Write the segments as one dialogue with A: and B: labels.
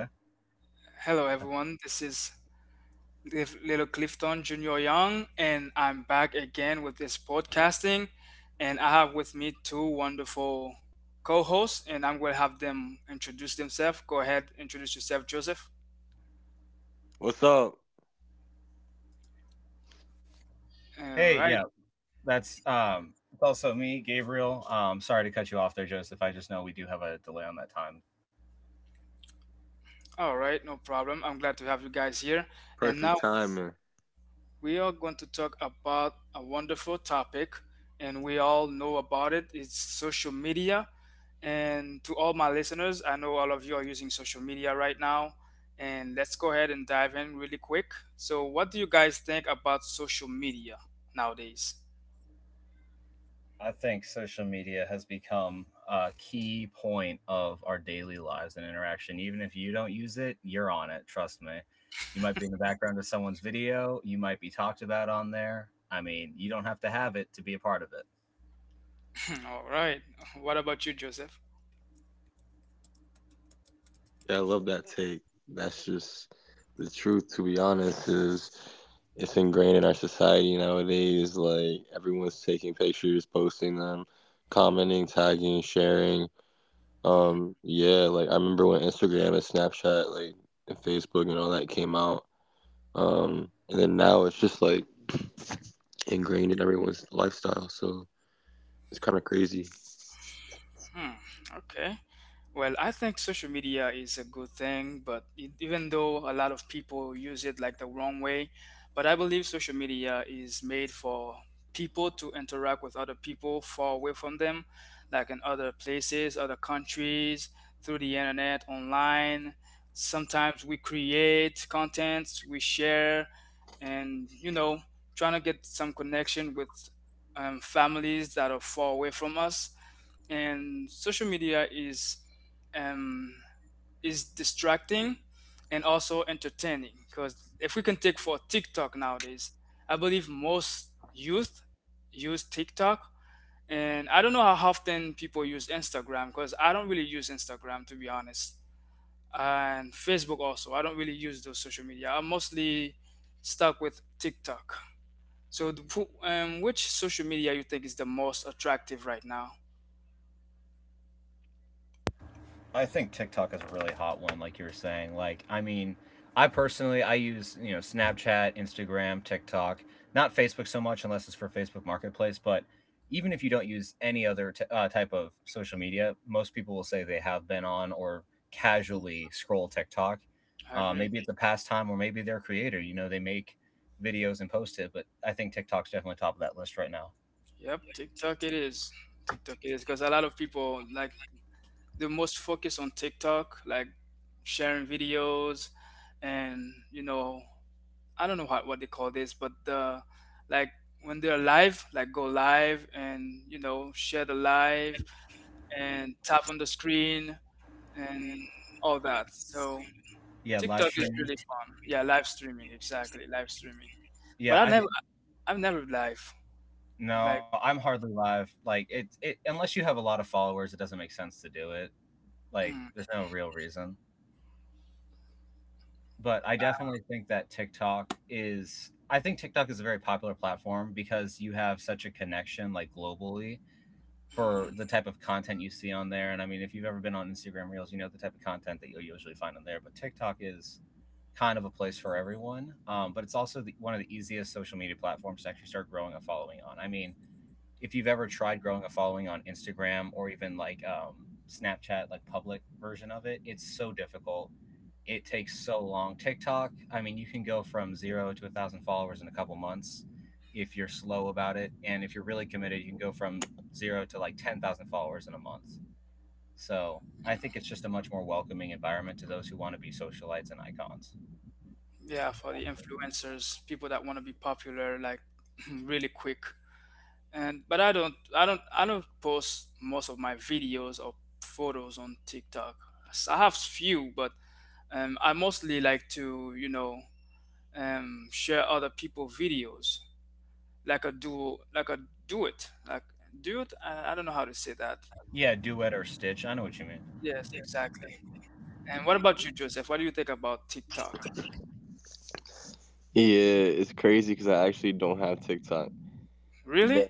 A: Okay.
B: Hello everyone. This is Little Clifton Junior Young, and I'm back again with this podcasting. And I have with me two wonderful co-hosts, and I'm going to have them introduce themselves. Go ahead, introduce yourself, Joseph. All
A: Hey,
B: right,
A: yeah, that's it's also me, Gabriel. Sorry to cut you off there, Joseph. I just know we do have a delay on that time.
B: all right, no problem. I'm glad to have you guys here. And now we are going to talk about a wonderful topic, and we all know about it, it's social media, and to all my listeners, I know all of you are using social media right now, and let's go ahead and dive in really quick. So what do you guys think about social media nowadays?
A: I think social media has become a key point of our daily lives and interaction. Even if you don't use it, you're on it, trust me. You might be in the background of someone's video, you might be talked about on there. I mean, you don't have to have it to be a part of it.
B: All right, what about you, Joseph? Mm-hmm. Okay, well, I think social media is a good thing, but even though a lot of people use it like the wrong way, but I believe social media is made for people to interact with other people far away from them, like in other places, other countries, through the internet, online. Sometimes we create content, we share, and trying to get some connection with families that are far away from us. And social media is, um, is distracting and also entertaining, because if we can take for TikTok nowadays, I believe most youth use TikTok. And I don't know how often people use Instagram, because I don't really use Instagram, to be honest. And Facebook also, I don't really use those social media. I'm mostly stuck with TikTok. So, which social media you think is the most attractive right now?
A: I think TikTok is a really hot one, like you were saying. Like, I mean, I personally I use Snapchat, Instagram, TikTok, not Facebook so much unless it's for Facebook Marketplace. But even if you don't use any other type of social media, most people will say they have been on or casually scroll TikTok.
B: I agree.
A: Maybe it's a pastime, or maybe they're a creator. You know, they make videos and post it. But I think TikTok's definitely top of that list right now.
B: Yep, TikTok it is. TikTok it is, because a lot of people like the most focus on TikTok, like sharing videos, and I don't know what they call this, but the like when they're live, like go live, and share the live and tap on the screen and all that. So
A: Yeah, live
B: TikTok is
A: streaming.
B: really fun. Yeah, live streaming, exactly, live streaming. But
A: Yeah, I
B: I've never live
A: No,
B: like
A: I'm hardly live. Like it unless you have a lot of followers, it doesn't make sense to do it. Like
B: mm,
A: there's no real reason. But I definitely think that TikTok is a very popular platform because you have such a connection like globally
B: mm,
A: for
B: mm.
A: the type of content you see on there. And I mean, if you've ever been on Instagram Reels, you know the type of content that you'll usually find on there, but TikTok is kind of a place for everyone. But it's also one of the easiest social media platforms to actually start growing a following on. I mean, if you've ever tried growing a following on Instagram or even like Snapchat, like public version of it, it's so difficult. It takes so long. TikTok, I mean, you can go from zero to 1,000 followers in a couple months if you're slow about it, and if you're really committed, you can go from zero to like 10,000 followers in a month. So I think it's just a much more welcoming environment to those who want to be socialites and icons.
B: Yeah, for the influencers, people that want to be popular, like really quick. And but I don't post most of my videos or photos on TikTok. I have few, but I mostly like to, share other people videos, like a do it like do it I don't know how to say that.
A: Yeah, duet or stitch. I know what you mean.
B: Yes, exactly. And what about you, Joseph? What do you think about TikTok, really?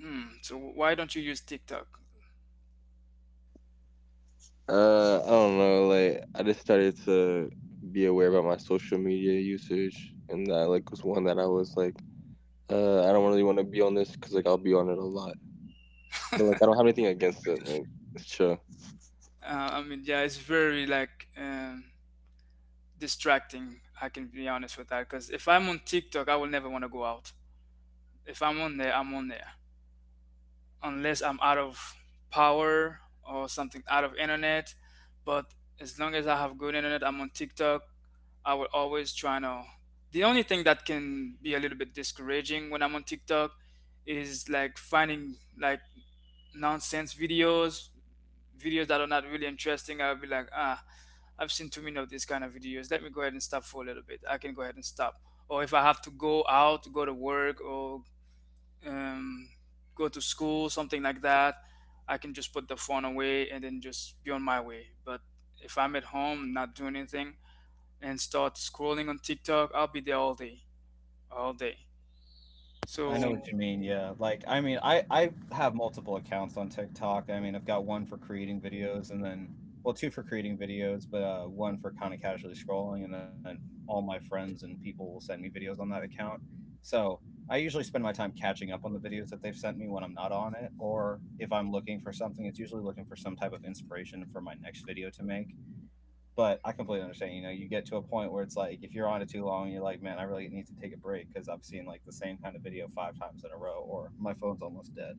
B: So why don't you use TikTok? I mean, yeah, it's very like, distracting. I can be honest with that, because if I'm on TikTok, I will never want to go out. If I'm on there, I'm on there, unless I'm out of power or something, out of internet. But as long as I have good internet, I'm on TikTok. I will always try to. The only thing that can be a little bit discouraging when I'm on TikTok is like finding like nonsense videos that are not really interesting. I'll be like, ah, I've seen too many of these kind of videos. Let me go ahead and stop for a little bit. I can go ahead and stop. Or if I have to go out, go to work, or um, go to school, something like that, I can just put the phone away and then just be on my way. But if I'm at home, not doing anything, and start scrolling on TikTok, I'll be there all day, all day.
A: I know
B: So
A: what you mean, yeah. Like, I mean, I have multiple accounts on TikTok. I mean, I've got one for creating videos and then well, two for creating videos, but one for kind of casually scrolling and then all my friends and people will send me videos on that account. So, I usually spend my time catching up on the videos that they've sent me when I'm not on it or if I'm looking for something, it's usually looking for some type of inspiration for my next video to make. But I completely understand. You know, you get to a point where it's like if you're on it too long, you're like, man, I really need to take a break because I've seen like the same kind of video five times in a row, or my phone's almost dead.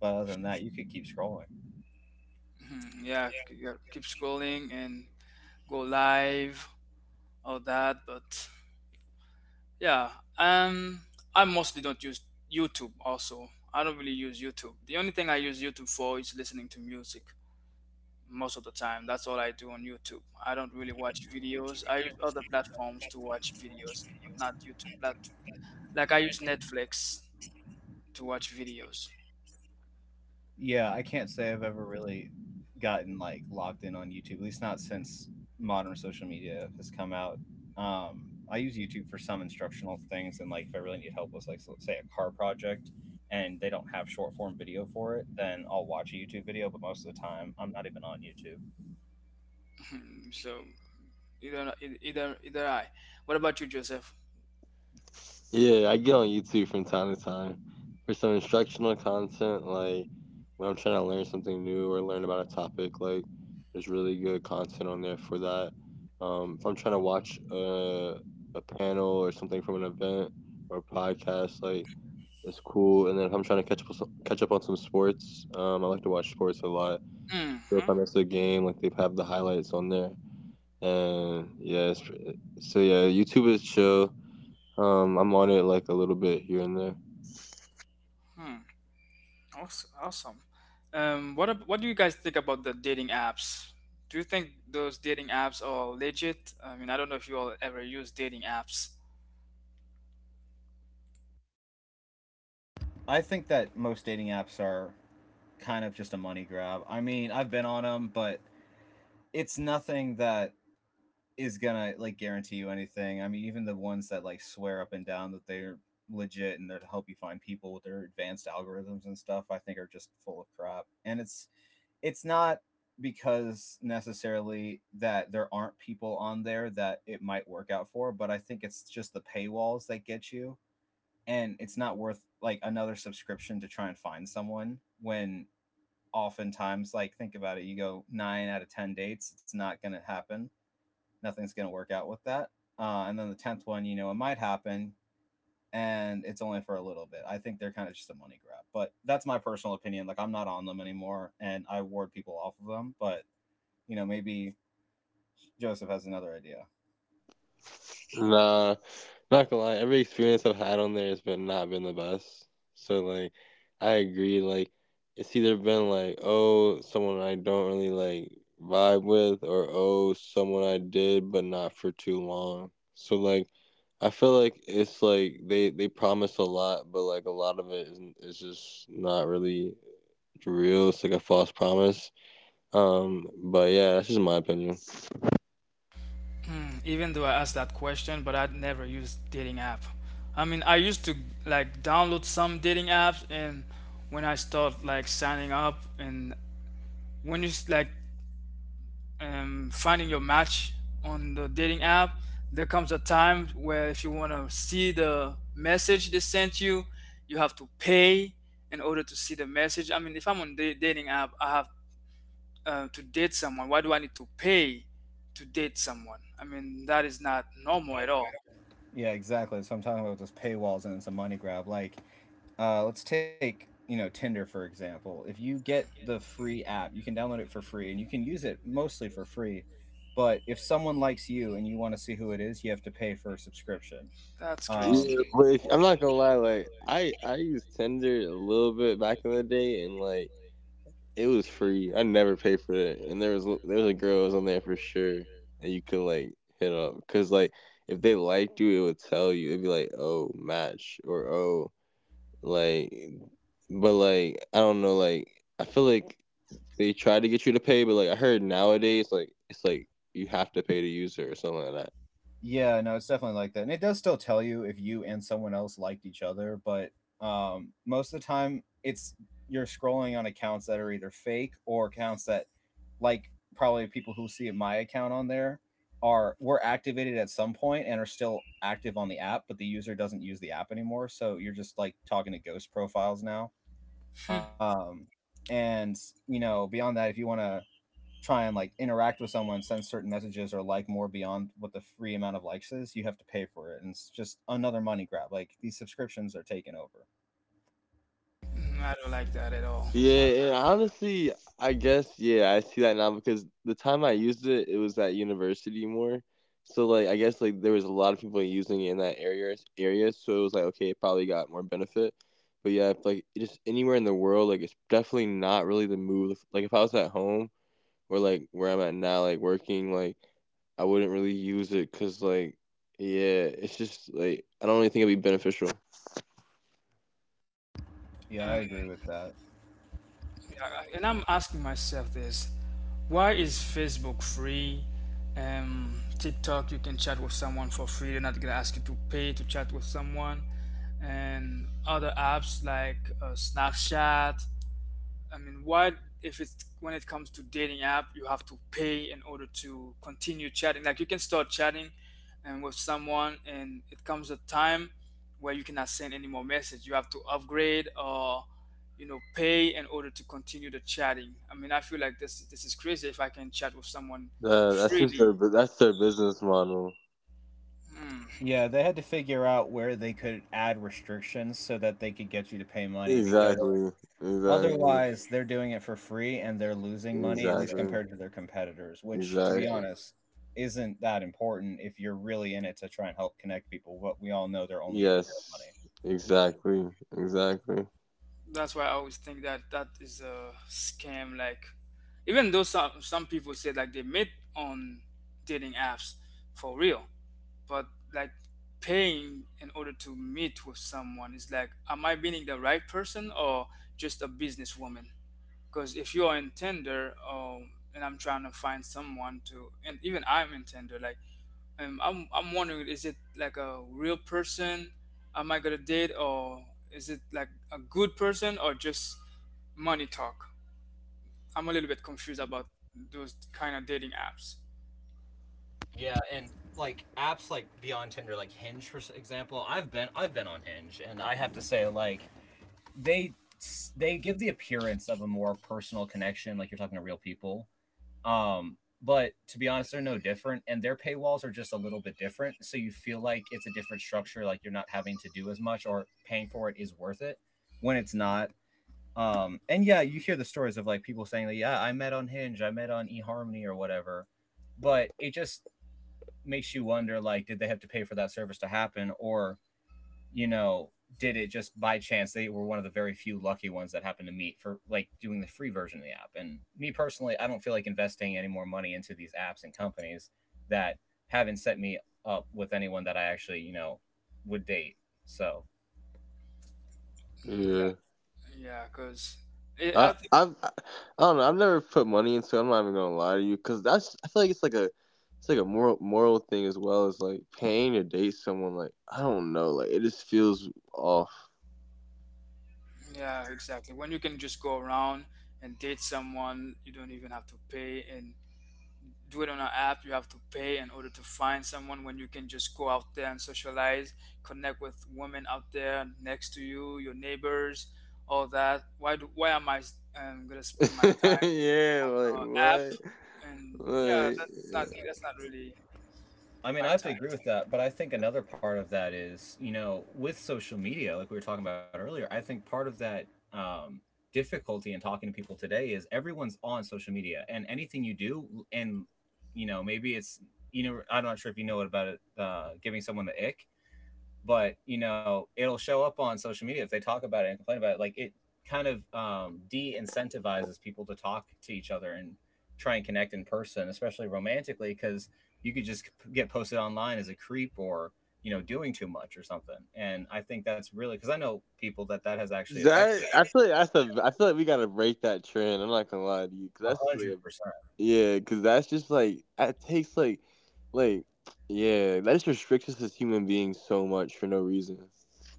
A: But other than that, you could keep scrolling.
B: yeah, yeah, keep scrolling and go live, all that. But yeah. Um, I mostly don't use YouTube also. I don't really use YouTube. The only thing I use YouTube for is listening to music most of the time. That's all I do on YouTube. I don't really watch videos. I use other platforms to watch videos, but not YouTube. Like, I use Netflix to watch videos.
A: Yeah, I can't say I've ever really gotten like locked in on YouTube, at least not since modern social media has come out. I use YouTube for some instructional things, and like if I really need help with like so, let's say a car project, and they don't have short form video for it, then I'll watch a YouTube video. But most of the time, I'm not even on YouTube.
B: So either either either I. What about you, Joseph? hmm Hmm. Awesome. What do you guys think about the dating apps? Do you think those dating apps are legit? I mean, I don't know if you all ever use dating apps.
A: I think that most dating apps are kind of just a money grab. I mean, I've been on them, but it's nothing that is gonna like guarantee you anything. I mean, even the ones that like swear up and down that they're legit and they're to help you find people with their advanced algorithms and stuff, I think are just full of crap. And it's not because necessarily that there aren't people on there that it might work out for, but I think it's just the paywalls that get you, and it's not worth like another subscription to try and find someone. When oftentimes, like, think about it, you go nine out of ten dates, it's not going to happen, nothing's going to work out with that. And then the tenth one, you know, it might happen, and it's only for a little bit. I think they're kind of just a money grab, but that's my personal opinion. Like, I'm not on them anymore, and I ward people off of them. But maybe Joseph has another idea.
B: Hmm, even though I asked that question, but I'd never used dating app. I mean, I used to like download some dating apps, and when I start like signing up, and when you s- like finding your match on the dating app, there comes a time where if you want to see the message they sent you, you have to pay in order to see the message. I mean, if I'm on the dating app, I have to date someone. Why do I need to pay to date someone? I mean, that is not normal at all.
A: Yeah, exactly, so I'm talking about those paywalls, and it's a money grab. Like, let's take Tinder for example. If you get the free app, you can download it for free, and you can use it mostly for free. But if someone likes you and you want to see who it is, you have to pay for a subscription.
B: That's
A: Um,
B: crazy.
A: Yeah, no, it's definitely like that. And it does still tell you if you and someone else liked each other, but most of the time it's you're scrolling on accounts that are either fake or accounts that like probably people who see my account on there are were activated at some point and are still active on the app, but the user doesn't use the app anymore. So you're just like talking to ghost profiles now.
B: Hmm.
A: Um, and you know, beyond that, if you want to try and like interact with someone, send certain messages, or like more beyond what the free amount of likes is, you have to pay for it, and it's just another money grab. Like these subscriptions are taken over.
B: Mm, I don't like that at all. I don't
A: Yeah, I
B: like
A: agree with that.
B: Yeah. And I'm asking myself this, why is Facebook free? TikTok, you can chat with someone for free. They're not gonna ask you to pay to chat with someone. And other apps like Snapchat. I mean, why? If it's When it comes to dating app, you have to pay in order to continue chatting. Like you can start chatting and with someone, and it comes a time where you cannot send any more message. You have to upgrade or, you know, pay in order to continue the chatting. I mean, I feel like this is crazy if I can chat with someone freely. Hmm.
A: Yeah, they had to figure out where they could add restrictions so that they could get you to pay money, because otherwise they're doing it for free and they're losing money, at least compared to their competitors, which, to be honest, isn't that important if you're really in it to try and help connect people. But we all know they're only in it for money.
B: That's why I always think that that is a scam. Like, even though some people say like they met on dating apps for real, but like paying in order to meet with someone is like, am I meeting the right person or just a businesswoman? Because if you are in Tinder, and I'm trying to find someone to, and even I'm in Tinder, like, I'm wondering, is it like a real person? Am I gonna date, or is it like a good person, or just money talk? I'm a little bit confused about those kind of dating apps.
A: Yeah, and like apps like beyond Tinder, like Hinge for example. I've been on Hinge, and I have to say, like, they they give the appearance of a more personal connection, like you're talking to real people. But to be honest, they're no different, and their paywalls are just a little bit different. So you feel like it's a different structure, like you're not having to do as much, or paying for it is worth it when it's not. And yeah, you hear the stories of like people saying, like, "Yeah, I met on Hinge, I met on eHarmony or whatever," but it just makes you wonder, like, did they have to pay for that service to happen, or you know did it just by chance they were one of the very few lucky ones that happened to meet for like doing the free version of the app. And me personally, I don't feel like investing any more money into these apps and companies that haven't set me up with anyone that I actually, would date. So
B: Mhm. Yeah, because, yeah, exactly, when you can just go around and date someone, you don't even have to pay and do it on an app. You have to pay in order to find someone when you can just go out there and socialize, connect with women out there next to you, your neighbors, all that. Why am I, gonna spend my time on an app? And yeah, that's not really
A: I mean,
B: my
A: I have to agree with that, but I think another part of that is, you know, with social media, like we were talking about earlier, I think part of that um, difficulty in talking to people today is everyone's on social media, and anything you do, and you know, maybe it's, you know, I'm not sure if you know what about it, giving someone the ick, but you know it'll show up on social media if they talk about it and complain about it. Like, it kind of de-incentivizes people to talk to each other and try and connect in person, especially romantically, because you could just get posted online as a creep or, you know, doing too much or something. And I think that's really, because I know people that has actually affected, 100%.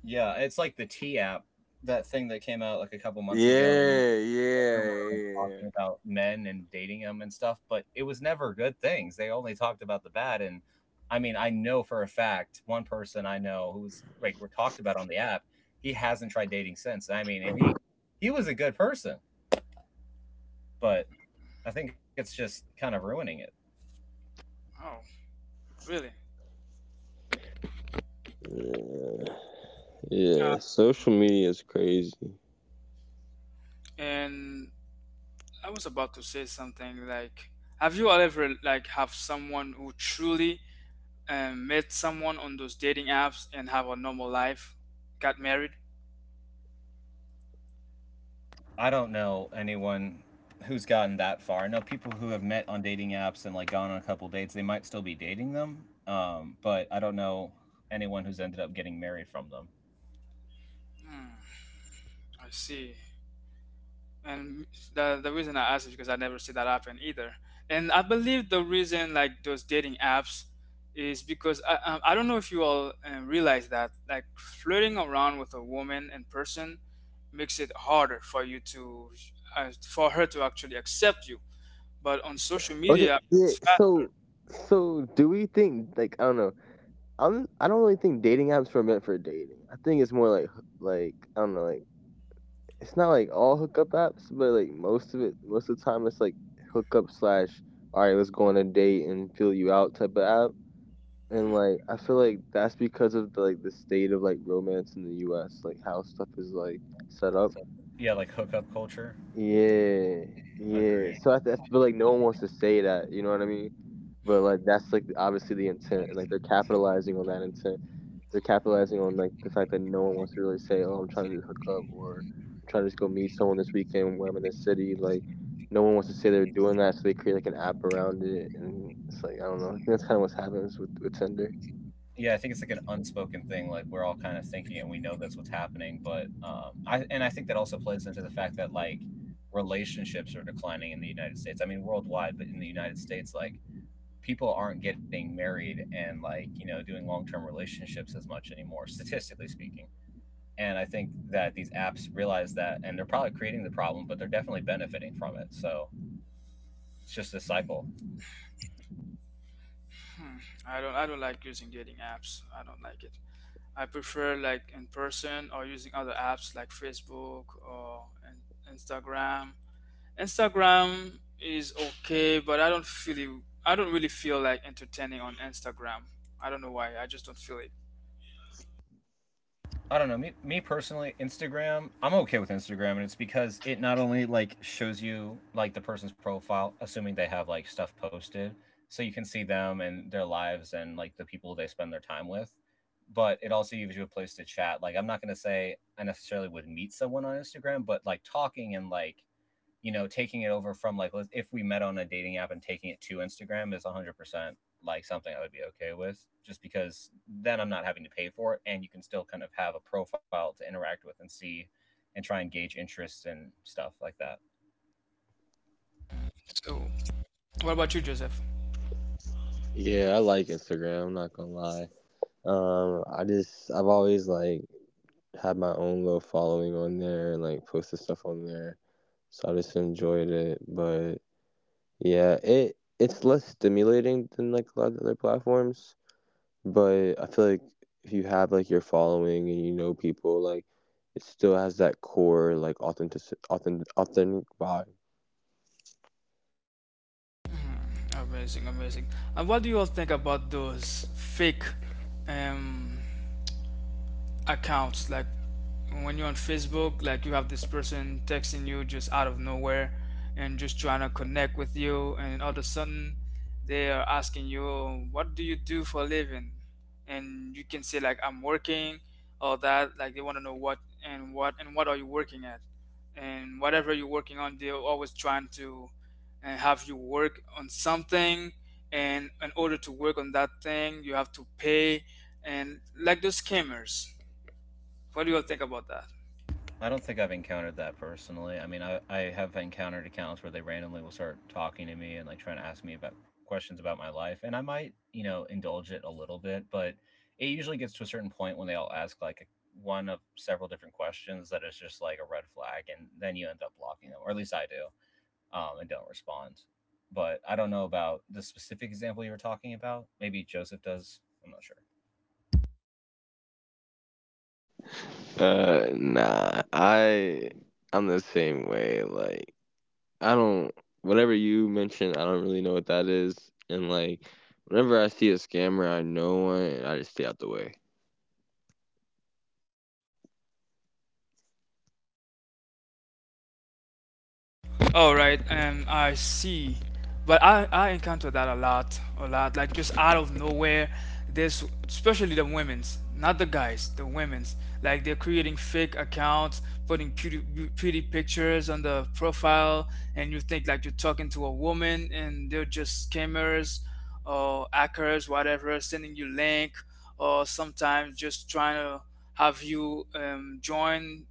A: Yeah, it's like the T app, that thing that came out like a couple months ago, and we like talking about men and dating them and stuff, but it was never good things. They only talked about the bad. And I mean, I know for a fact one person I know who's like we're talked about on the app, he hasn't tried dating since. I mean, and he was a good person, but I think it's just kind of ruining it.
B: time. Oh, really? And I was about to say something like, have you ever like have someone who truly, met someone on those dating apps and have a normal life, got married.
A: I don't know anyone who's gotten that far. I know people who have met on dating apps and like gone on a couple dates, they might still be dating them. But I don't know anyone who's ended up getting married from them.
B: Hmm, I see. And the reason I asked is because I never see that happen either. And I believe the reason like those dating apps is because I don't know if you all realize that like flirting around with a woman in person makes it harder for her to actually accept you. But on social media, it's faster. Hmm,
A: Yeah, like hookup culture. Agree.
B: hmm,
A: Yeah, I think it's like an unspoken thing. Like we're all kind of thinking it. We know that's what's happening, but I think that also plays into the fact that like relationships are declining in the United States. I mean, worldwide, but in the United States, like people aren't getting married and like doing long term relationships as much anymore, statistically speaking. And I think that these apps realize that, and they're probably creating the problem, but they're definitely benefiting from it. So it's just a cycle.
B: hmm. I don't, I don't like using dating apps. I don't like it. I prefer like in person, or using other apps like Facebook or Instagram. Instagram is okay, but I don't feel it, I don't really feel like entertaining on Instagram. I don't know why. I just don't feel it.
A: I don't know. Me personally, Instagram, I'm okay with Instagram, and it's because it not only like shows you like the person's profile, assuming they have like stuff posted, so you can see them and their lives and like the people they spend their time with, but it also gives you a place to chat. Like, I'm not gonna say I necessarily would meet someone on Instagram, but like talking and like taking it over from like if we met on a dating app and taking it to Instagram is 100% like something I would be okay with, just because then I'm not having to pay for it, and you can still kind of have a profile to interact with and see, and try and gauge interests and stuff like that.
B: So, what about you, Joseph? Hmm. Amazing, amazing. And what do you all think about those fake um accounts? Like when you're on Facebook, like you have this person texting you just out of nowhere, and just trying to connect with you, and all of a sudden they are asking you, what do you do for a living? And you can say like, I'm working. Or that, like, they want to know what, and what are you working at? And whatever you're working on, they're always trying to, and have you work on something, and in order to work on that thing, you have to pay. And like those scammers, what do you all think about that?
A: I don't think I've encountered that personally. I mean, I have encountered accounts where they randomly will start talking to me and like trying to ask me about questions about my life, and I might indulge it a little bit, but it usually gets to a certain point when they all ask like one of several different questions that is just like a red flag, and then you end up blocking them, or at least I do. And don't respond. But I don't know about the specific example you were talking about. Maybe Joseph does. I'm not sure.
B: All right, I see. But I encounter that a lot, a lot. Like just out of nowhere, there's especially the women's, not the guys, the women's. Like they're creating fake accounts, putting pretty pictures on the profile, and you think like you're talking to a woman, and they're just scammers or hackers, whatever, sending you link, or sometimes just trying to have you join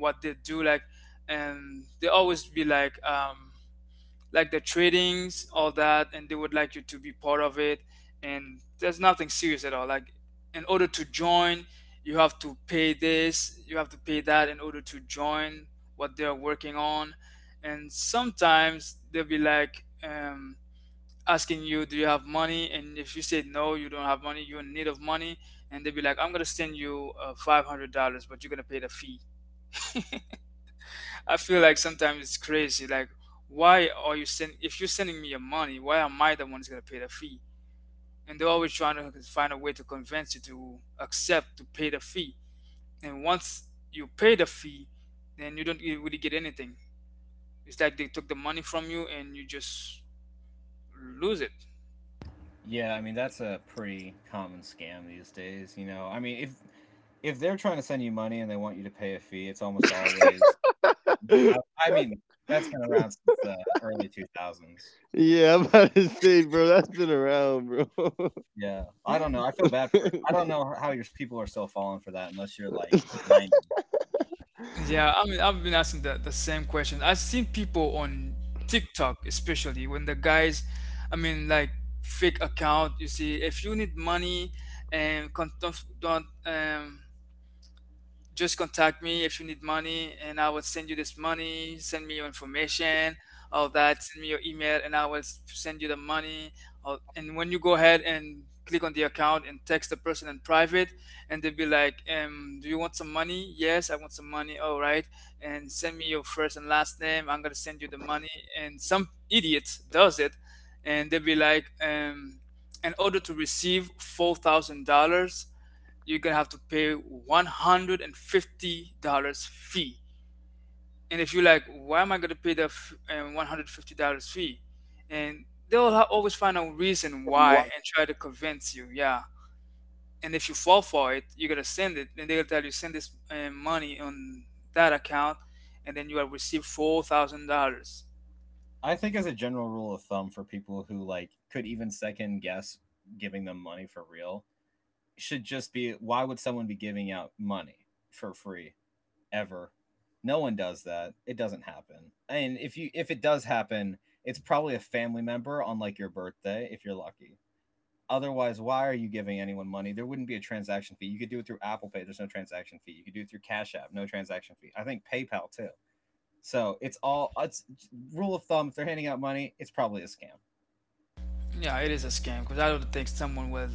B: what they do, like, and they always be like the tradings, all that, and they would like you to be part of it, and there's nothing serious at all. Like, in order to join, you have to pay this, you have to pay that, in order to join what they're working on. And sometimes they'll be like, asking you, do you have money? And if you say no, you don't have money, you're in need of money, and they'll be like, I'm gonna send you $500, but you're gonna pay the fee. I feel like sometimes it's crazy. Like, why are you sending? If you're sending me your money, why am I the one who's gonna pay the fee? And they're always trying to find a way to convince you to accept to pay the fee. And once you pay the fee, then you don't really get anything. It's like they took the money from you and you just lose it.
A: Yeah, I mean that's a pretty common scam these days. You know, I mean if they're trying to send you money and they want you to pay a fee, it's almost always. I, I mean, that's been around since the early 2000s. Yeah, I don't know. I feel bad for. I don't know how your people are still falling for that unless you're like 90.
B: Yeah, I mean, I've been asking the same question. I've seen people on TikTok, especially when the guys, I mean, like, fake account. You see, if you need money, and con- don't, just contact me if you need money and I will send you this money, send me your information, all that, send me your email, and I will send you the money. And when you go ahead and click on the account and text the person in private, and they'll be like, do you want some money? Yes, I want some money. All right. And send me your first and last name. I'm going to send you the money. And some idiot does it, and they'll be like, in order to receive $4,000, you're gonna have to pay $150 fee. And if you're like, why am I gonna pay the $150 fee? And they'll always find a reason why and try to convince you. Yeah, and if you fall for it, you're gonna send it, and they'll tell you, send this money on that account, and then you will receive $4,000.
A: I think as a general rule of thumb for people who like could even second guess giving them money for real, should just be why would someone be giving out money for free ever? No one does that. It doesn't happen. And if it does happen, it's probably a family member on like your birthday if you're lucky. Otherwise, why are you giving anyone money? There wouldn't be a transaction fee. You could do it through Apple Pay. There's no transaction fee. You could do it through Cash App. No transaction fee. I think PayPal too. So it's rule of thumb. If they're handing out money, it's probably a scam.
B: Yeah, it is a scam, because I don't think someone will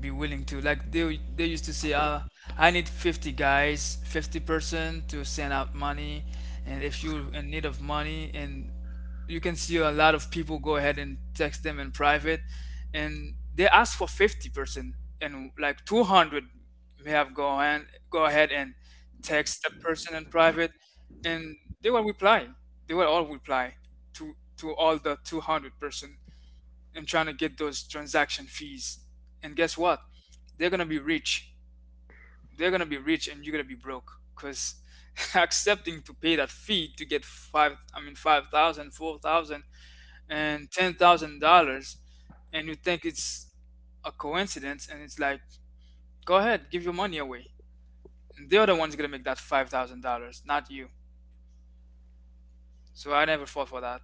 B: be willing to, like, they used to say, I need 50 guys, 50 person to send out money, and if you're in need of money, and you can see a lot of people go ahead and text them in private, and they ask for 50 person, and like 200 may have go and go ahead and text the person in private, and they will reply. They will all reply to all the 200 person, and trying to get those transaction fees. And guess what? They're gonna be rich. They're gonna be rich, and you're gonna be broke, because accepting to pay that fee to get five, I mean 5,000, four thousand, and ten thousand dollars, and you think it's a coincidence, and it's like, go ahead, give your money away. And the other one's gonna make that 5,000 dollars, not you. So I never fought for that.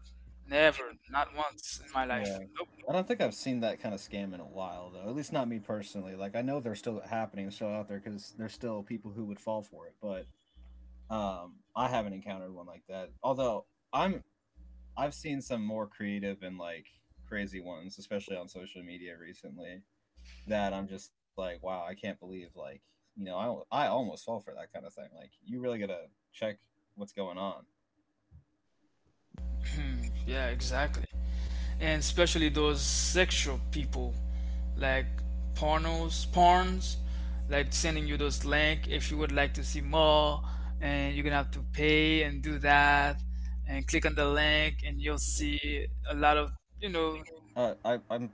B: Never, not once in my
A: Yeah.
B: life.
A: I don't think I've seen that kind of scam in a while, though. At least not me personally. Like I know they're still happening, still out there, because there's still people who would fall for it. But I haven't encountered one like that. Although I'm, I've seen some more creative and like crazy ones, especially on social media recently. That I'm just like, wow, I can't believe like I almost fall for that kind of thing. Like you really gotta check what's going on.
B: Yeah, exactly. And especially those sexual people, like pornos, porns, like sending you those link if you would like to see more, and you're gonna have to pay and do that, and click on the link, and you'll see a lot of, you know,
A: Uh, I I'm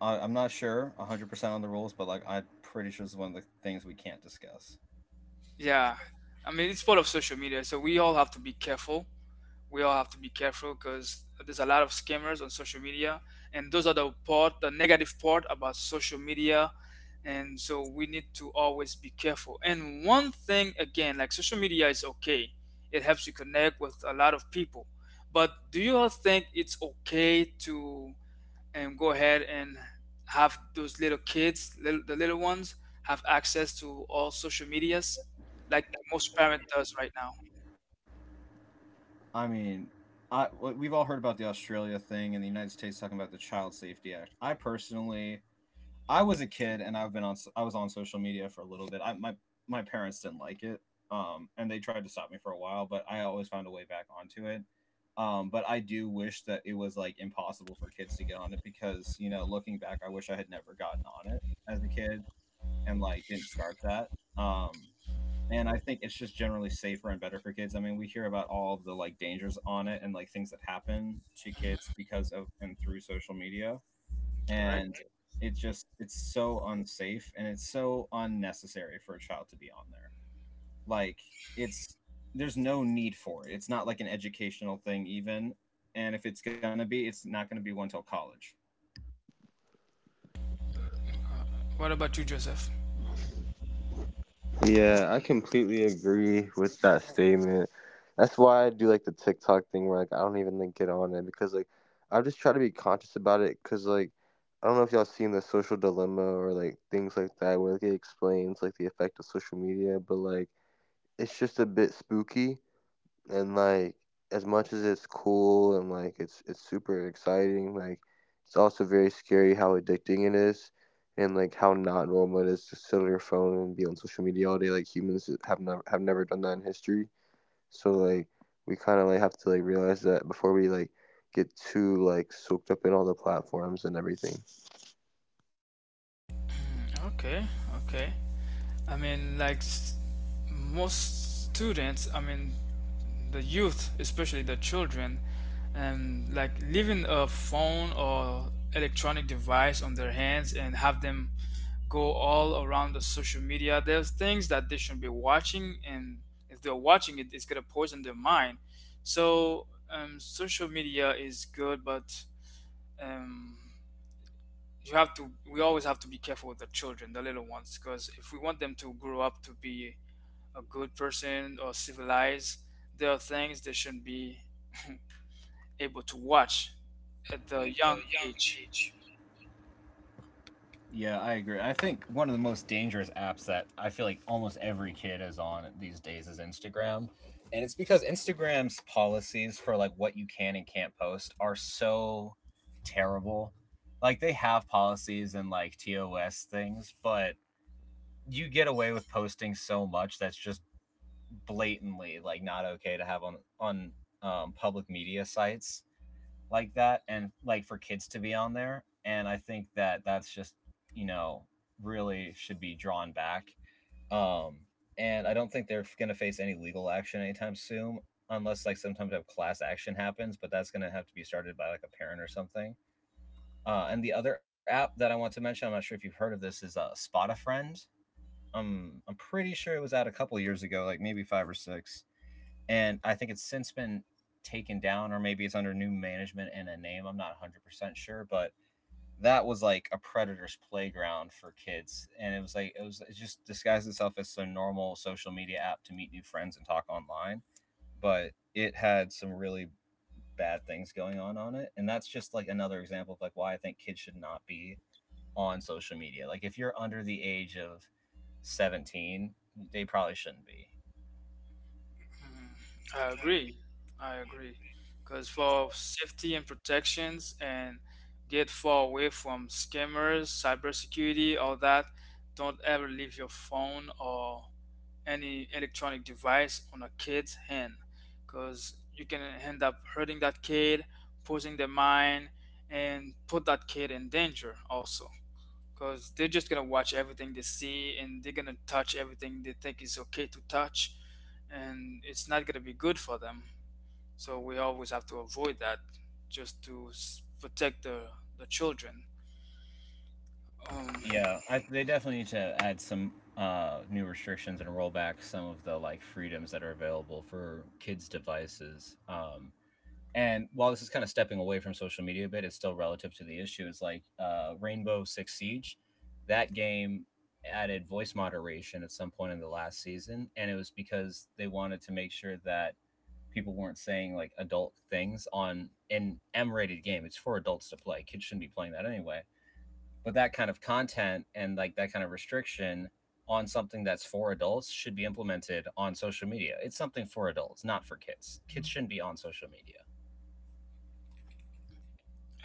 A: I'm not sure 100% on the rules, but like I'm pretty sure it's one of the things we can't discuss.
B: yeah. I mean, it's part of social media, so we all have to be careful. We all have to be careful, because there's a lot of scammers on social media, and those are the part, the negative part about social media. And so we need to always be careful. And one thing again, like, social media is okay, it helps you connect with a lot of people, but do you all think it's okay to and go ahead and have those little kids, little, the little ones, have access to all social medias, like most parent does right now?
A: I mean, we've all heard about the Australia thing and the United States talking about the Child Safety Act. I personally, I was a kid and I was on social media for a little bit. I my My parents didn't like it. And They tried to stop me for a while, but I always found a way back onto it. But I do wish that it was like impossible for kids to get on it because, you know, looking back, I wish I had never gotten on it as a kid and like didn't start that. Um and I think it's just generally safer and better for kids. I mean, we hear about all of the like dangers on it and like things that happen to kids because of and through social media, and
B: Correct.
A: it's so unsafe and it's so unnecessary for a child to be on there. Like it's there's no need for it. It's not like an educational thing even, and if it's gonna be, it's not gonna be one till college.
B: uh, what about you, Joseph? Okay, okay. I mean, like, most students, I mean, the youth, especially the children, and like leaving a phone or electronic device on their hands and have them go all around the social media. There's things that they shouldn't be watching, and if they're watching it, it's gonna poison their mind. So, social media is good, but um, you have to, we always have to be careful with the children, the little ones, because if we want them to grow up to be a good person or civilized, there are things they shouldn't be able to watch at the young age.
A: Yeah, I agree. I think one of the most dangerous apps that I feel like almost every kid is on these days is Instagram. And it's because Instagram's policies for like what you can and can't post are so terrible. Like they have policies and like TOS things, but you get away with posting so much that's just blatantly like not okay to have on public media sites like that and like for kids to be on there and I think that that's just you know really should be drawn back um and I don't think they're going to face any legal action anytime soon unless like sometimes a class action happens, but that's going to have to be started by like a parent or something. And the other app that I want to mention, I'm not sure if you've heard of this, is Spot a Friend. I'm pretty sure it was out a couple years ago, like maybe five or six, and I think it's since been taken down, or maybe it's under new management and a name. I'm not 100% sure, but that was like a predator's playground for kids, and it was like it was it just disguised itself as a normal social media app to meet new friends and talk online, but it had some really bad things going on it, and that's just like another example of like why I think kids should not be on social media. Like if you're under the age of 17, they probably shouldn't be.
B: Mhm. I agree, I agree, because for safety and protections and get far away from scammers, cybersecurity, all that, don't ever leave your phone or any electronic device on a kid's hand, because you can end up hurting that kid, posing their mind, and put that kid in danger also, because they're just gonna watch everything they see, and they're gonna touch everything they think is okay to touch, and it's not gonna be good for them. So we always have to avoid that just to protect the children. Um,
A: Yeah, I, they definitely need to add some new restrictions and roll back some of the like freedoms that are available for kids' devices. And while this is kind of stepping away from social media a bit, it's still relative to the issue. It's like Rainbow Six Siege, that game added voice moderation at some point in the last season, and it was because they wanted to make sure that people weren't saying like adult things on an M-rated game. It's for adults to play. Kids shouldn't be playing that anyway, but that kind of content and like that kind of restriction on something that's for adults should be implemented on social media. It's something for adults, not for kids. Kids shouldn't be on social media.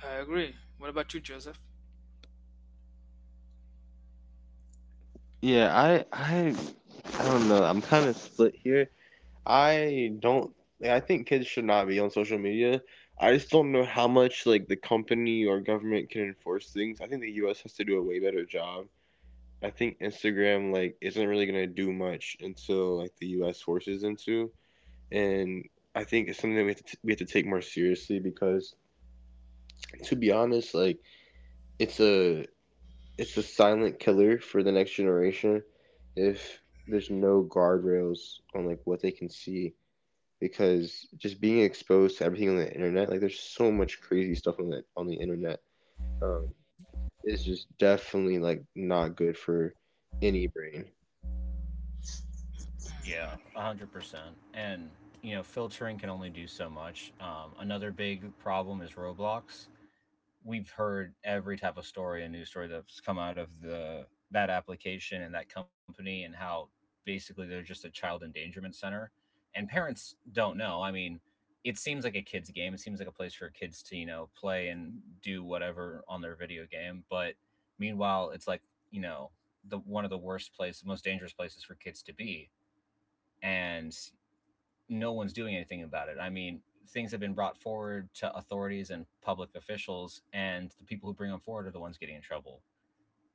B: I agree. What about you, Joseph?
A: 100%. And, you know, filtering can only do so much. Another big problem is Roblox. We've heard every type of story a news story that's come out of the that application and that company and how basically they're just a child endangerment center, and parents don't know. I mean, it seems like a kids game, it seems like a place for kids to you know play and do whatever on their video game, but meanwhile it's like you know the one of the worst places, most dangerous places for kids to be, and no one's doing anything about it. I mean, things have been brought forward to authorities and public officials, and the people who bring them forward are the ones getting in trouble.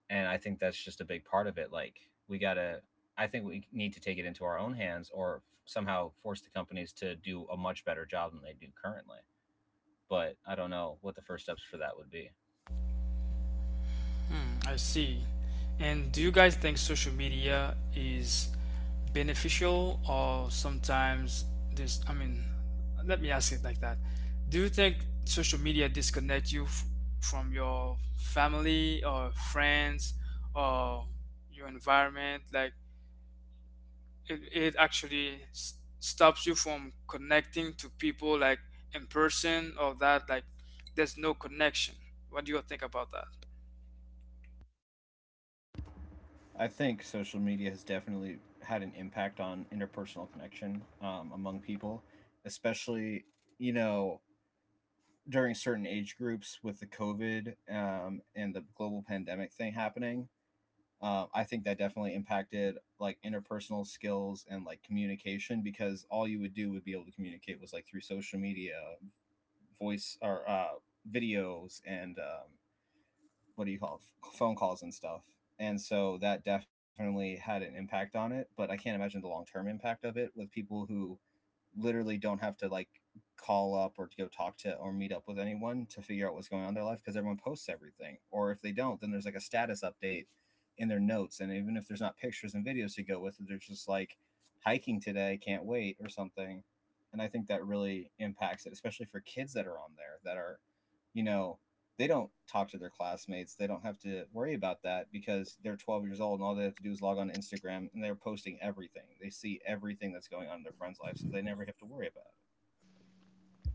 A: And I think that's just a big part of it. Like, we gotta, I think we need to take it into our own hands or somehow force the companies to do a much better job than they do currently. But I don't know what the first steps for that would be.
B: Hmm, I see. And do you guys think social media is beneficial or sometimes this, I mean, let me ask it like that. Do you think social media disconnect you f from your family or friends or your environment? Like, it actually s stops you from connecting to people like in person, or that, like, there's no connection. What do you think about that?
A: I think social media has definitely had an impact on interpersonal connection among people, especially, you know, during certain age groups with the COVID and the global pandemic thing happening. I think that definitely impacted like interpersonal skills and like communication because all you would do would be able to communicate was like through social media, voice or videos, and what do you call it? Phone calls and stuff. And so that definitely had an impact on it, but I can't imagine the long term impact of it with people who literally don't have to like call up or to go talk to or meet up with anyone to figure out what's going on in their life because everyone posts everything. Or if they don't, then there's like a status update in their notes. And even if there's not pictures and videos to go with it, they're just like hiking today, can't wait, or something. And I think that really impacts it, especially for kids that are on there that are, you know, they don't talk to their classmates. They don't have to worry about that because they're 12 years old and all they have to do is log on to Instagram and they're posting everything. They see everything that's going on in their friend's life, so they never have to worry about it.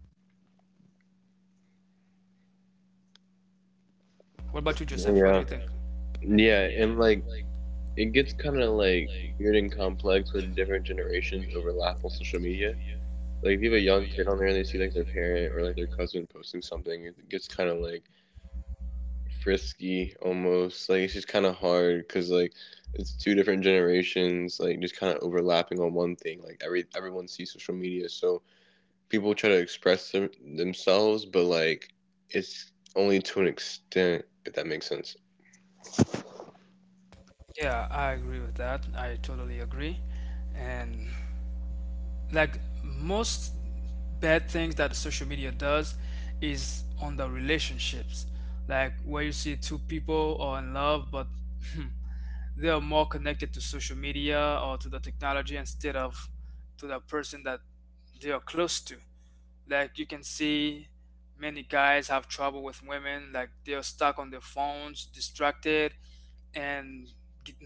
B: What about you, Joseph? What do you think? Mhm. Yeah, I agree with that. I totally agree. And like most bad things that social media does is on the relationships. Like where you see two people are in love, but they are more connected to social media or to the technology instead of to the person that they are close to. Like you can see many guys have trouble with women, like they're stuck on their phones, distracted, and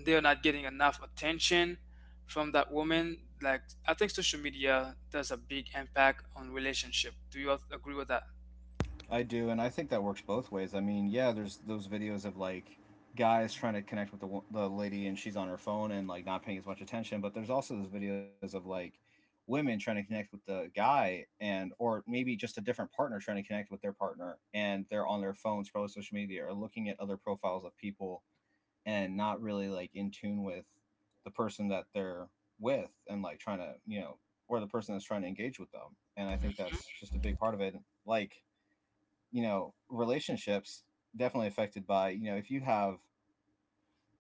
B: they're not getting enough attention from that woman. Like, I think social media does a big impact on relationship. Do you agree with that?
A: I do, and I think that works both ways. I mean, yeah, there's those videos of like guys trying to connect with the, the lady and she's on her phone and like not paying as much attention, but there's also those videos of like women trying to connect with the guy and or maybe just a different partner trying to connect with their partner and they're on their phones, probably social media, or looking at other profiles of people and not really like in tune with the person that they're with and like trying to, you know, or the person that's trying to engage with them. And I think that's just a big part of it. Like, you know, relationships definitely affected by, you know, if you have,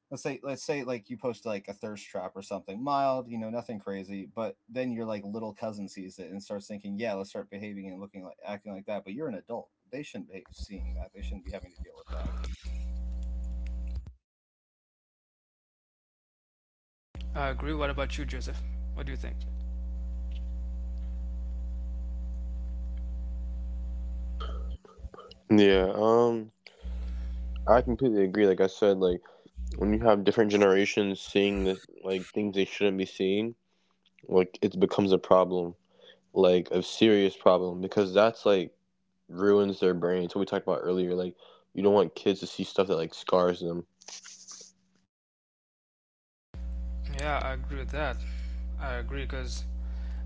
A: let's say like you post like a thirst trap or something mild, you know, nothing crazy, but then your like little cousin sees it and starts thinking yeah, let's start behaving and looking like acting like that, but you're an adult. They shouldn't be seeing that. They shouldn't be having to deal with that.
B: I agree. What about you, Joseph? What do you think? Yeah, I agree with that. I agree, because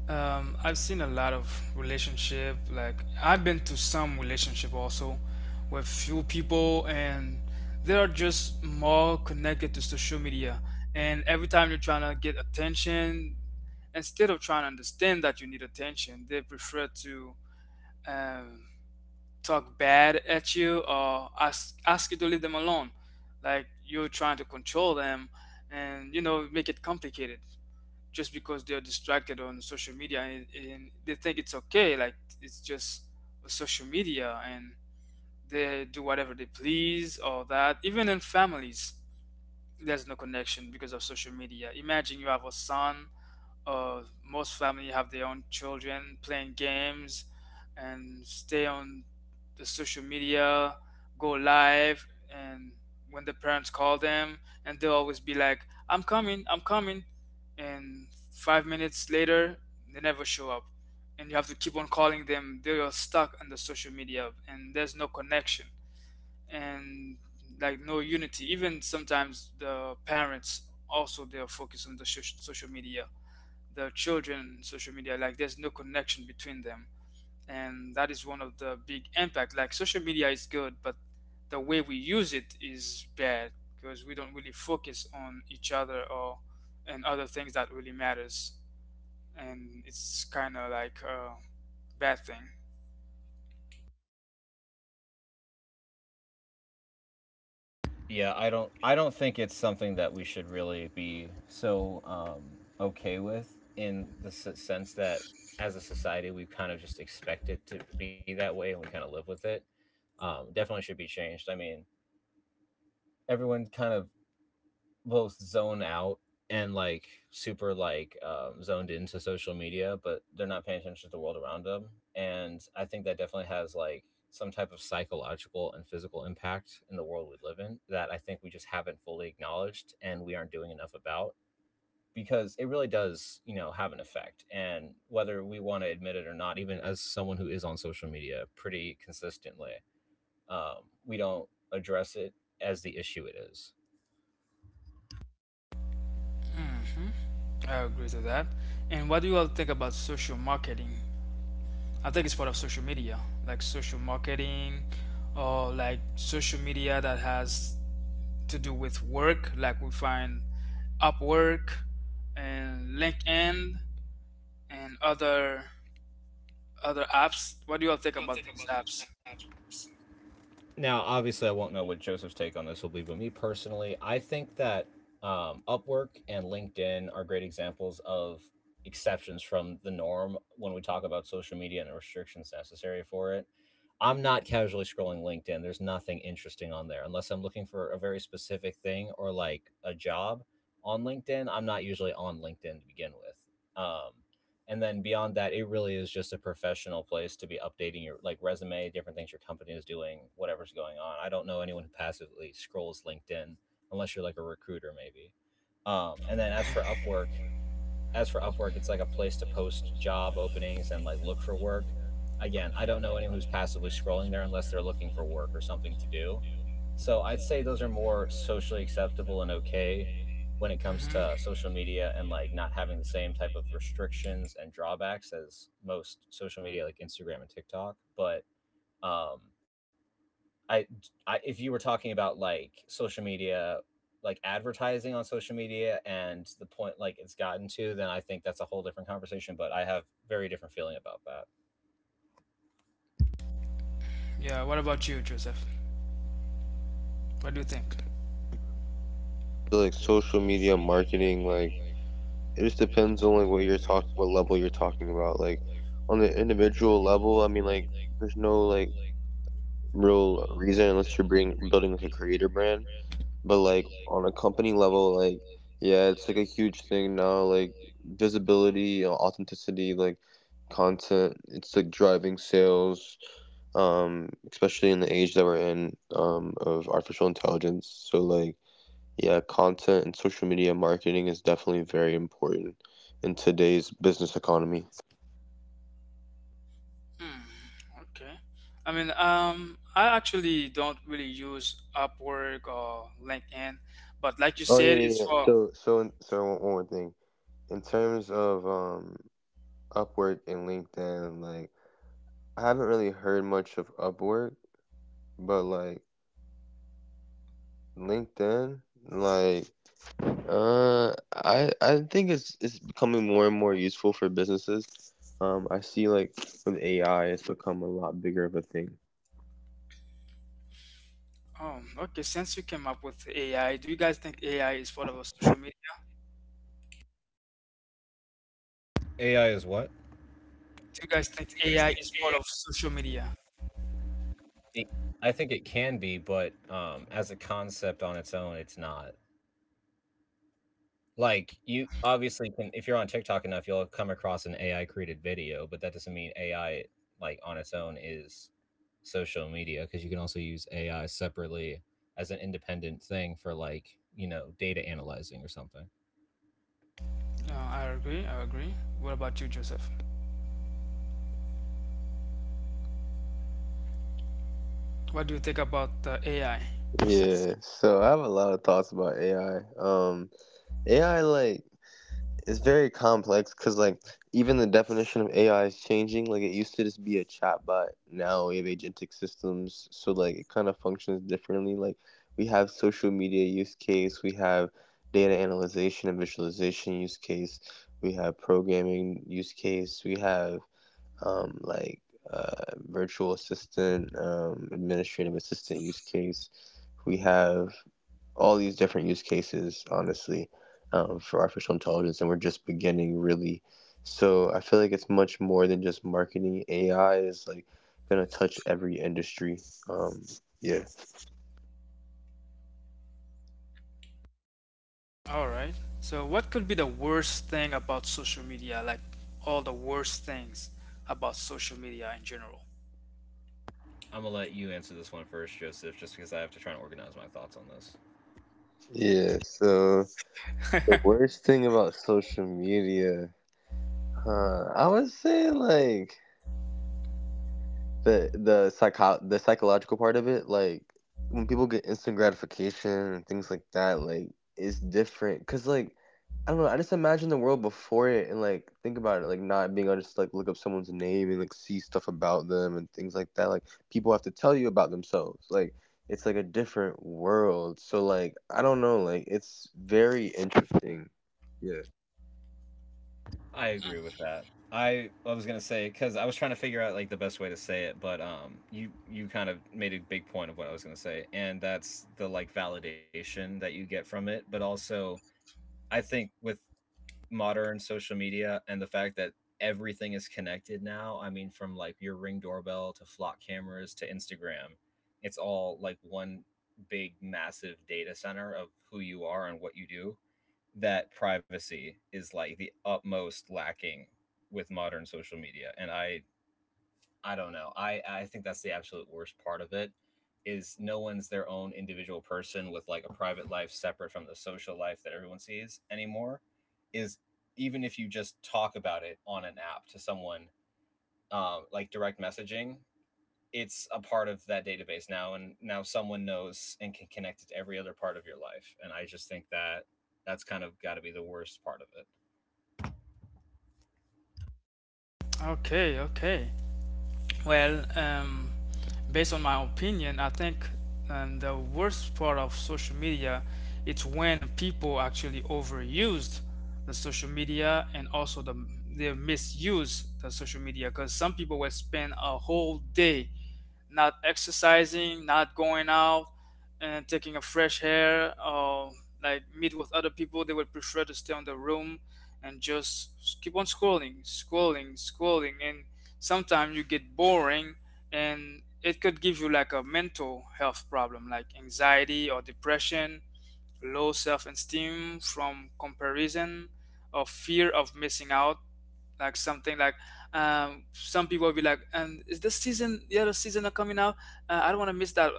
B: I've seen a lot of relationship. Like, I've been to some relationship also with few people, and they are just more connected to social media. And every time you're trying to get attention, instead of trying to understand that you need attention, they prefer to um, talk bad at you or ask you to leave them alone. Like, you're trying to control them, and, you know, make it complicated just because they're distracted on social media, and they think it's okay. Like, it's just social media, and they do whatever they please, all that. Even in families, there's no connection because of social media. Imagine you have a son, most family have their own children playing games and stay on the social media, go live, and when the parents call them, and they'll always be like, I'm coming," and 5 minutes later, they never show up, and you have to keep on calling them. They are stuck on the social media, and there's no connection and like no unity. Even sometimes the parents also, they're focused on the social media, the children social media. Like, there's no connection between them, and that is one of the big impact. Like, social media is good, but the way we use it is bad, because we don't really focus on each other or, and other things that really matters, and it's kind of like a bad thing.
A: Yeah, I don't think it's something that we should really be so okay with in the sense that as a society we kind of just expect it to be that way and we kind of live with it. Definitely should be changed. I mean, everyone kind of both zone out and like super like zoned into social media, but they're not paying attention to the world around them. And I think that definitely has like some type of psychological and physical impact in the world we live in that I think we just haven't fully acknowledged and we aren't doing enough about, because it really does, you know, have an effect. And whether we want to admit it or not, even as someone who is on social media pretty consistently, we don't address it as the issue it is.
B: Hmm, I agree to that. And what do you all think about social marketing? I think it's part of social media, like social marketing or like social media that has to do with work, like we find Upwork and LinkedIn and other apps. What do you all think about these apps?
A: Now obviously I won't know what Joseph's take on this will be, but me personally, I think that Upwork and LinkedIn are great examples of exceptions from the norm when we talk about social media and the restrictions necessary for it. I'm not casually scrolling LinkedIn. There's nothing interesting on there unless I'm looking for a very specific thing or like a job on LinkedIn. I'm not usually on LinkedIn to begin with. Um, and then beyond that, it really is just a professional place to be updating your like resume, different things your company is doing, whatever's going on. I don't know anyone who passively scrolls LinkedIn unless you're like a recruiter maybe. And then as for Upwork, as for Upwork, it's like a place to post job openings and like look for work. Again, I don't know anyone who's passively scrolling there unless they're looking for work or something to do. So I'd say those are more socially acceptable and okay when it comes
B: Hmm.
A: to social media and like not having the same type of restrictions and drawbacks as most social media like Instagram and TikTok. But um I, I if you were talking about like social media like advertising on social media and the point like it's gotten to, then I think that's a whole different conversation, but I have very different feeling about that.
B: Yeah, what about you, Joseph? What do you think? Hmm, okay. I mean, I actually don't really use Upwork or LinkedIn, but like you said, it's for, oh, okay. Since you came up with AI, do you guys think AI is part of a social media?
A: AI is what?
B: Do you guys think AI is part of social media?
A: It- I think it can be, but as a concept on its own it's not. Like, you obviously can, if you're on TikTok enough, you'll come across an AI created video, but that doesn't mean AI, like, on its own is social media, because you can also use AI separately as an independent thing for, like, you know, data analyzing or something.
B: No, I agree. I agree. What about you, Joseph? What do you think about AI? All right. So, what could be the worst thing about social media? Like, all the worst things about social media in general.
A: I'm gonna let you answer this one first, Joseph, just because I have to try and organize my thoughts on this. I agree with that. I was gonna say because I was trying to figure out like the best way to say it, but you kind of made a big point of what I was gonna say, and that's the like validation that you get from it, but also I think with modern social media and the fact that everything is connected now. I mean, from like your ring doorbell to flock cameras to Instagram, it's all like one big massive data center of who you are and what you do, that privacy is like the utmost lacking with modern social media. And I don't know, I think that's the absolute worst part of it, is no one's their own individual person with like a private life separate from the social life that everyone sees anymore. Is, even if you just talk about it on an app to someone, like direct messaging, it's a part of that database now, and now someone knows and can connect it to every other part of your life, and I just think that that's kind of got to be the worst part of it.
B: Okay, okay. Well, based on my opinion, I think the worst part of social media, it's when people actually overused the social media, and also the, they misuse the social media, because some people will spend a whole day not exercising, not going out and taking a fresh air or like meet with other people. They would prefer to stay in the room and just keep on scrolling, scrolling, scrolling, and sometimes you get boring, and it could give you like a mental health problem like anxiety or depression, low self esteem from comparison, or fear of missing out. Like something like, some people will be like, and is this season the other season are coming out? I don't want to miss that,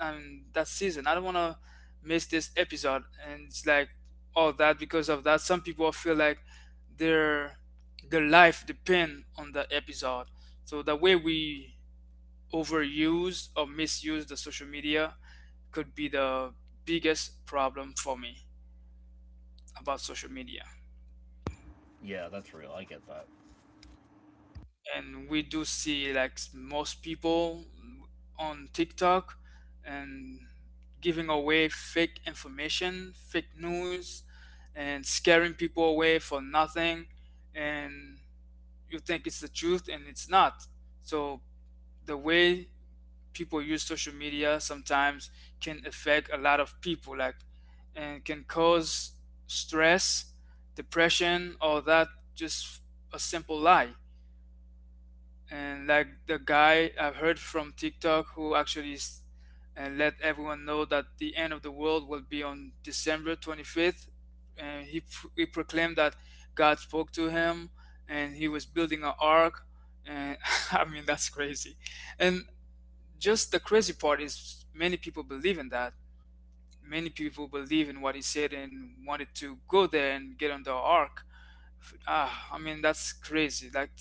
B: that season. I don't want to miss this episode. And it's like all that. Because of that, some people feel like their their life depend on the episode. So the way we overuse or misuse the social media could be the biggest problem for me about social media.
A: Yeah, that's real. I get that.
B: And we do see like most people on TikTok and giving away fake information, fake news, and scaring people away for nothing. And you think it's the truth, and it's not. So the way people use social media sometimes can affect a lot of people, like, and can cause stress, depression, or that, just a simple lie. And like the guy I've heard from TikTok who actually let everyone know that the end of the world will be on December 25th. And he proclaimed that God spoke to him and he was building an ark. And I mean, that's crazy. And just the crazy part is many people believe in that. Many people believe in what he said and wanted to go there and get on the ark. I mean, that's crazy. Like,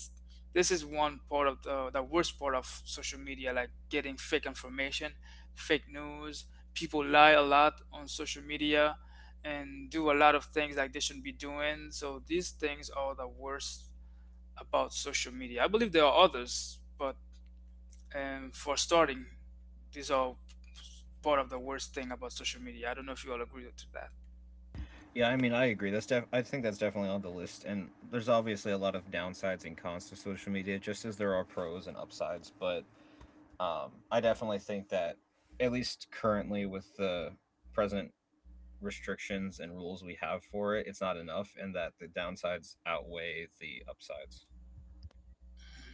B: this is one part of the worst part of social media, like getting fake information, fake news. People lie a lot on social media and do a lot of things like they shouldn't be doing. So these things are the worst about social media. I believe there are others, but for starting, these are part of the worst thing about social media. I don't know if you all agree to that.
A: Yeah, I mean, I agree. I think that's definitely on the list, and there's obviously a lot of downsides and cons to social media, just as there are pros and upsides. But I definitely think that, at least currently with the present restrictions and rules we have for it, it's not enough, and that the downsides outweigh the upsides.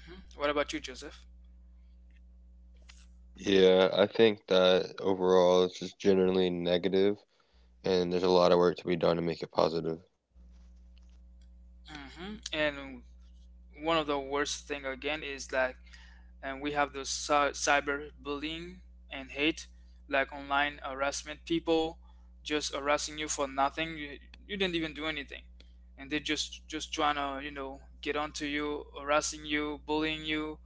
B: Hmm. What about you, Joseph? Hmm. And one of the worst thing again is like, and we have those cyber bullying and hate, like online harassment. People just harassing you for nothing. You, you didn't even do anything, and they're just trying to, you know, get onto you, harassing you, bullying you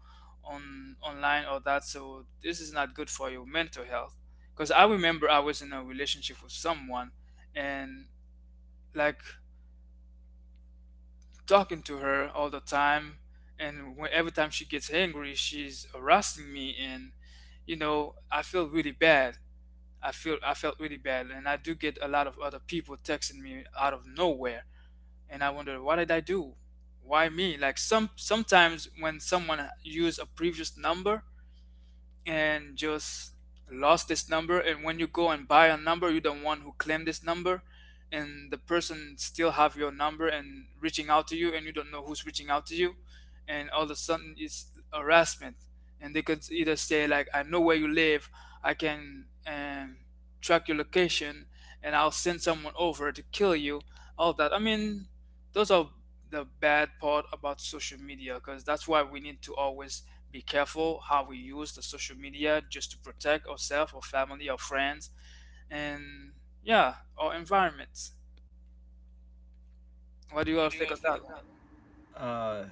B: on online or that. So this is not good for your mental health, because I remember I was in a relationship with someone, and like talking to her all the time, and every time she gets angry she's harassing me, and you know I feel really bad. I felt really bad, and I do get a lot of other people texting me out of nowhere, and I wonder, what did I do? Why me? Like, some sometimes when someone use a previous number and just lost this number, and when you go and buy a number, you're the one who claimed this number, and the person still have your number and reaching out to you, and you don't know who's reaching out to you, and all of a sudden it's harassment. And they could either say like, I know where you live, I can, track your location, and I'll send someone over to kill you, all that. I mean, those are the bad part about social media, because that's why we need to always be careful how we use the social media, just to protect ourselves, our family, our friends, and yeah, our environment. What do you all think of that one?
A: Uh,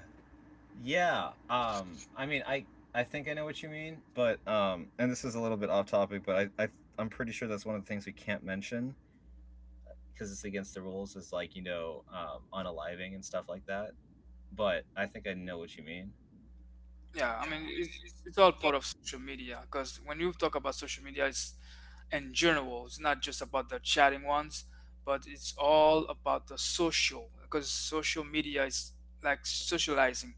A: yeah. I mean, I think I know what you mean, but and this is a little bit off topic, but I I'm pretty sure that's one of the things we can't mention because it's against the rules, is like, you know, unaliving and stuff like that. But I think I know what you mean.
B: Yeah, I mean, it's all part of social media, because when you talk about social media, it's in general, it's not just about the chatting ones, but it's all about the social, because social media is like socializing.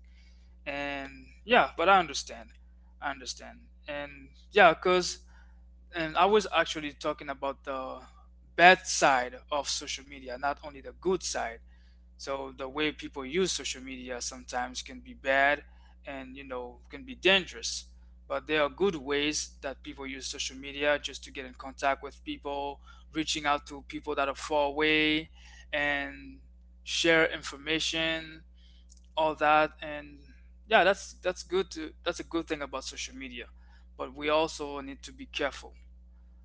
B: And yeah, but I understand. I understand. And yeah, because, and I was actually talking about the bad side of social media, not only the good side. So the way people use social media sometimes can be bad, and you know can be dangerous. But there are good ways that people use social media, just to get in contact with people, reaching out to people that are far away, and share information, all that. And yeah, that's good to that's a good thing about social media. But we also need to be careful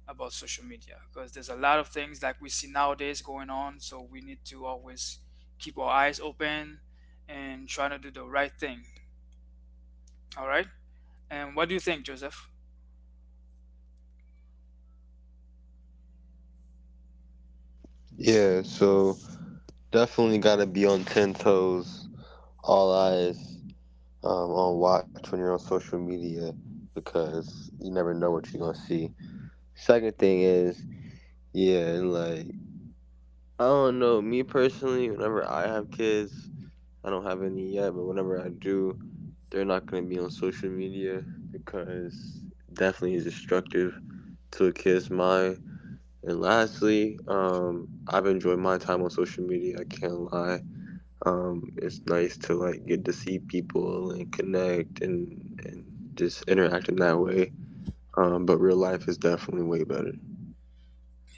B: about social media, because there's a lot of things like we see nowadays going on. So we need to always keep our eyes open and try to do the right thing. All right. And what do you think, Joseph?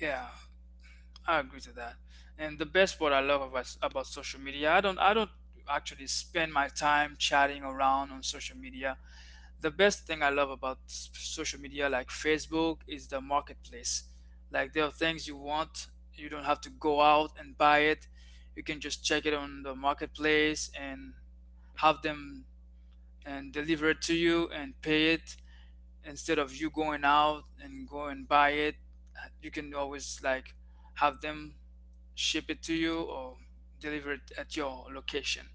B: Yeah, I agree to that. And the best part I love about social media, I don't actually spend my time chatting around on social media. The best thing I love about social media, like Facebook, is the marketplace. Like, there are things you want, you don't have to go out and buy it. You can just check it on the marketplace and have them and deliver it to you and pay it, instead of you going out and go and buy it. You can always like have them ship it to you or deliver it at your location.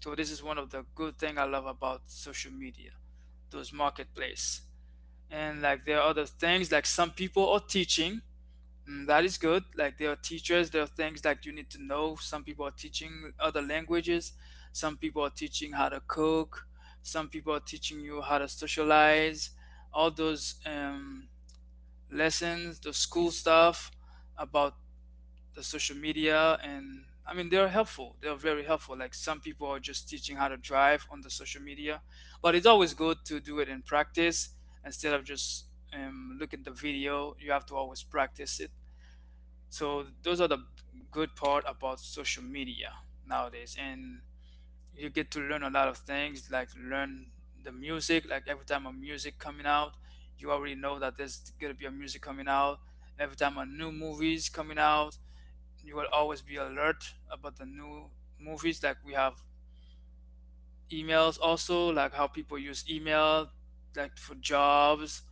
B: So this is one of the good thing I love about social media, those marketplace. And like there are other things, like some people are teaching, mm, that is good. Like there are teachers, there are things like you need to know, some people are teaching other languages, some people are teaching how to cook, some people are teaching you how to socialize, all those, lessons, the school stuff about the social media. And I mean, they're helpful. They're very helpful. Like some people are just teaching how to drive on the social media, but it's always good to do it in practice instead of just, look at the video. You have to always practice it. So those are the good part about social media nowadays, and you get to learn a lot of things. Like learn the music. Like every time a music coming out, you already know that there's gonna be a music coming out. Every time a new movie is coming out, you will always be alert about the new movies. Like we have emails also, like how people use email, like for jobs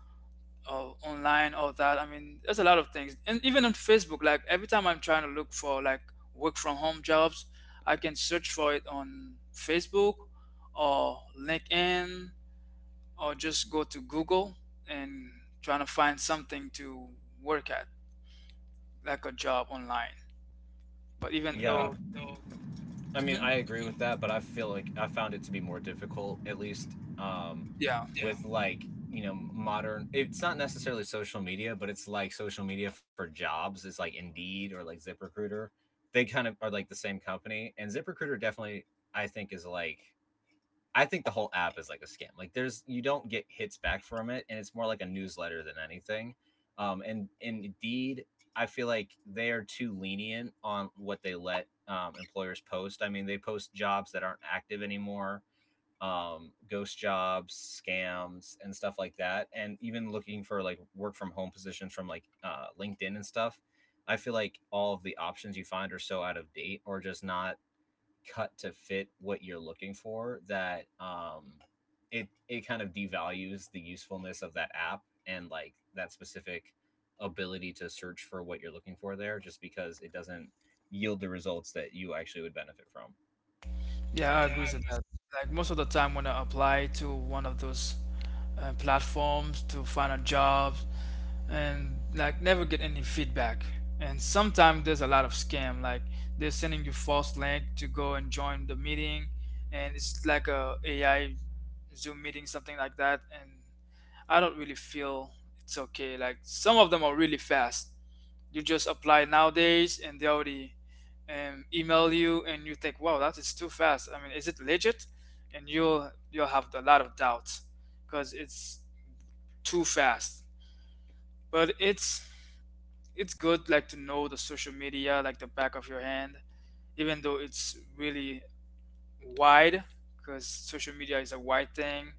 B: or online, all that. I mean, there's a lot of things, and even on Facebook, like every time I'm trying to look for like work from home jobs, I can search for it on Facebook or LinkedIn, or just go to Google and trying to find something to work at, like a job online, but even
A: Yeah,
B: though.
A: I mean I
B: Mhm.
A: agree with that, but I feel like I found it to be more difficult at least
B: Yeah.
A: with like, you know, modern. It's not necessarily social media, but it's like social media for jobs. It's like Indeed or like ZipRecruiter. They kind of are like the same company, and ZipRecruiter definitely, I think is like, I think the whole app is like a scam. Like there's, you don't get hits back from it, and it's more like a newsletter than anything. And indeed, I feel like they are too lenient on what they let employers post. I mean, they post jobs that aren't active anymore, ghost jobs, scams, and stuff like that. And even looking for like work from home positions from like LinkedIn and stuff. I feel like all of the options you find are so out of date or just not cut to fit what you're looking for, that it it kind of devalues the usefulness of that app and like that specific ability to search for what you're looking for there, just because it doesn't yield the results that you actually would benefit from.
B: Yeah, I agree with that. Like most of the time when I apply to one of those, platforms to find a job, and like never get any feedback. And sometimes there's a lot of scam, like they're sending you false link to go and join the meeting, and it's like a AI Zoom meeting, something like that. And I don't really feel it's okay. Like some of them are really fast. You just apply nowadays and they already, email you, and you think, wow, that is too fast. I mean, is it legit? And you'll have a lot of doubts because it's too fast. But it's good like to know the social media like the back of your hand, even though it's really wide, because social media is a wide thing,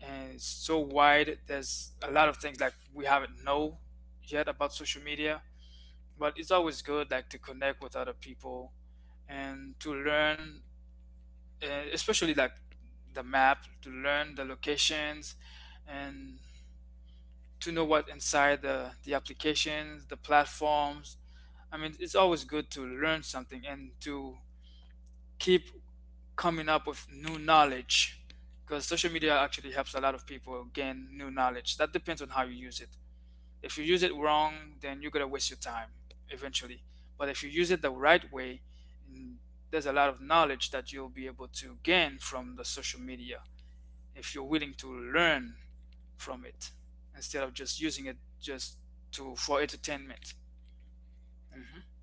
B: and it's so wide. There's a lot of things like we haven't know yet about social media, but it's always good like to connect with other people and to learn, especially like the map, to learn the locations and to know what inside the applications, the platforms. I mean, it's always good to learn something and to keep coming up with new knowledge, because social media actually helps a lot of people gain new knowledge. That depends on how you use it. If you use it wrong, then you're going to waste your time eventually. But if you use it the right way, mm, there's a lot of knowledge that you'll be able to gain from the social media, if you're willing to learn from it, instead of just using it just to for entertainment. Hmm.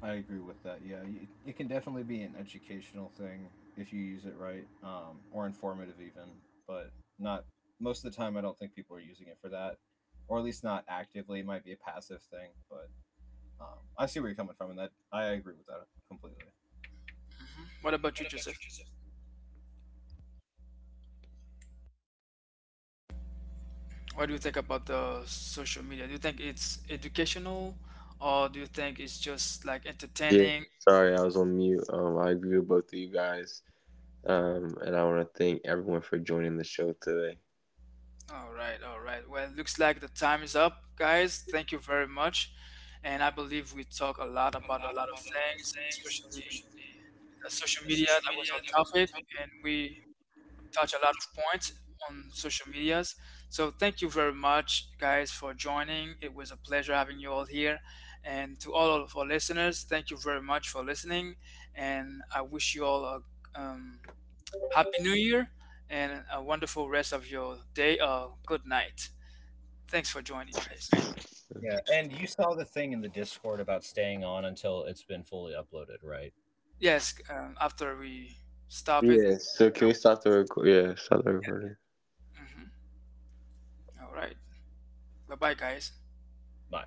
A: I agree with that. Yeah, it can definitely be an educational thing if you use it right, or informative even, but not most of the time. I don't think people are using it for that, or at least not actively. It might be a passive thing, but Um, I see where you're coming from, and that I agree with that completely.
B: Hmm. What about you, Joseph? What do you think about the social media? Do you think it's educational, or do you think it's just like entertaining? All right, all right. Well, it looks like the time is up, guys. Thank you very much. And I believe we talk a lot about a lot of things, especially the social media. That was our topic, and we touch a lot of points on social medias. So thank you very much, guys, for joining. It was a pleasure having you all here. And to all of our listeners, thank you very much for listening. And I wish you all a, um, happy new year, and a wonderful rest of your day or good night. Thanks for joining, guys.
A: Yeah, and you saw the thing in the Discord about staying on until it's been fully uploaded, right?
B: Yes, after we stop it and, Mhm. all right. Bye bye, guys.
A: Bye.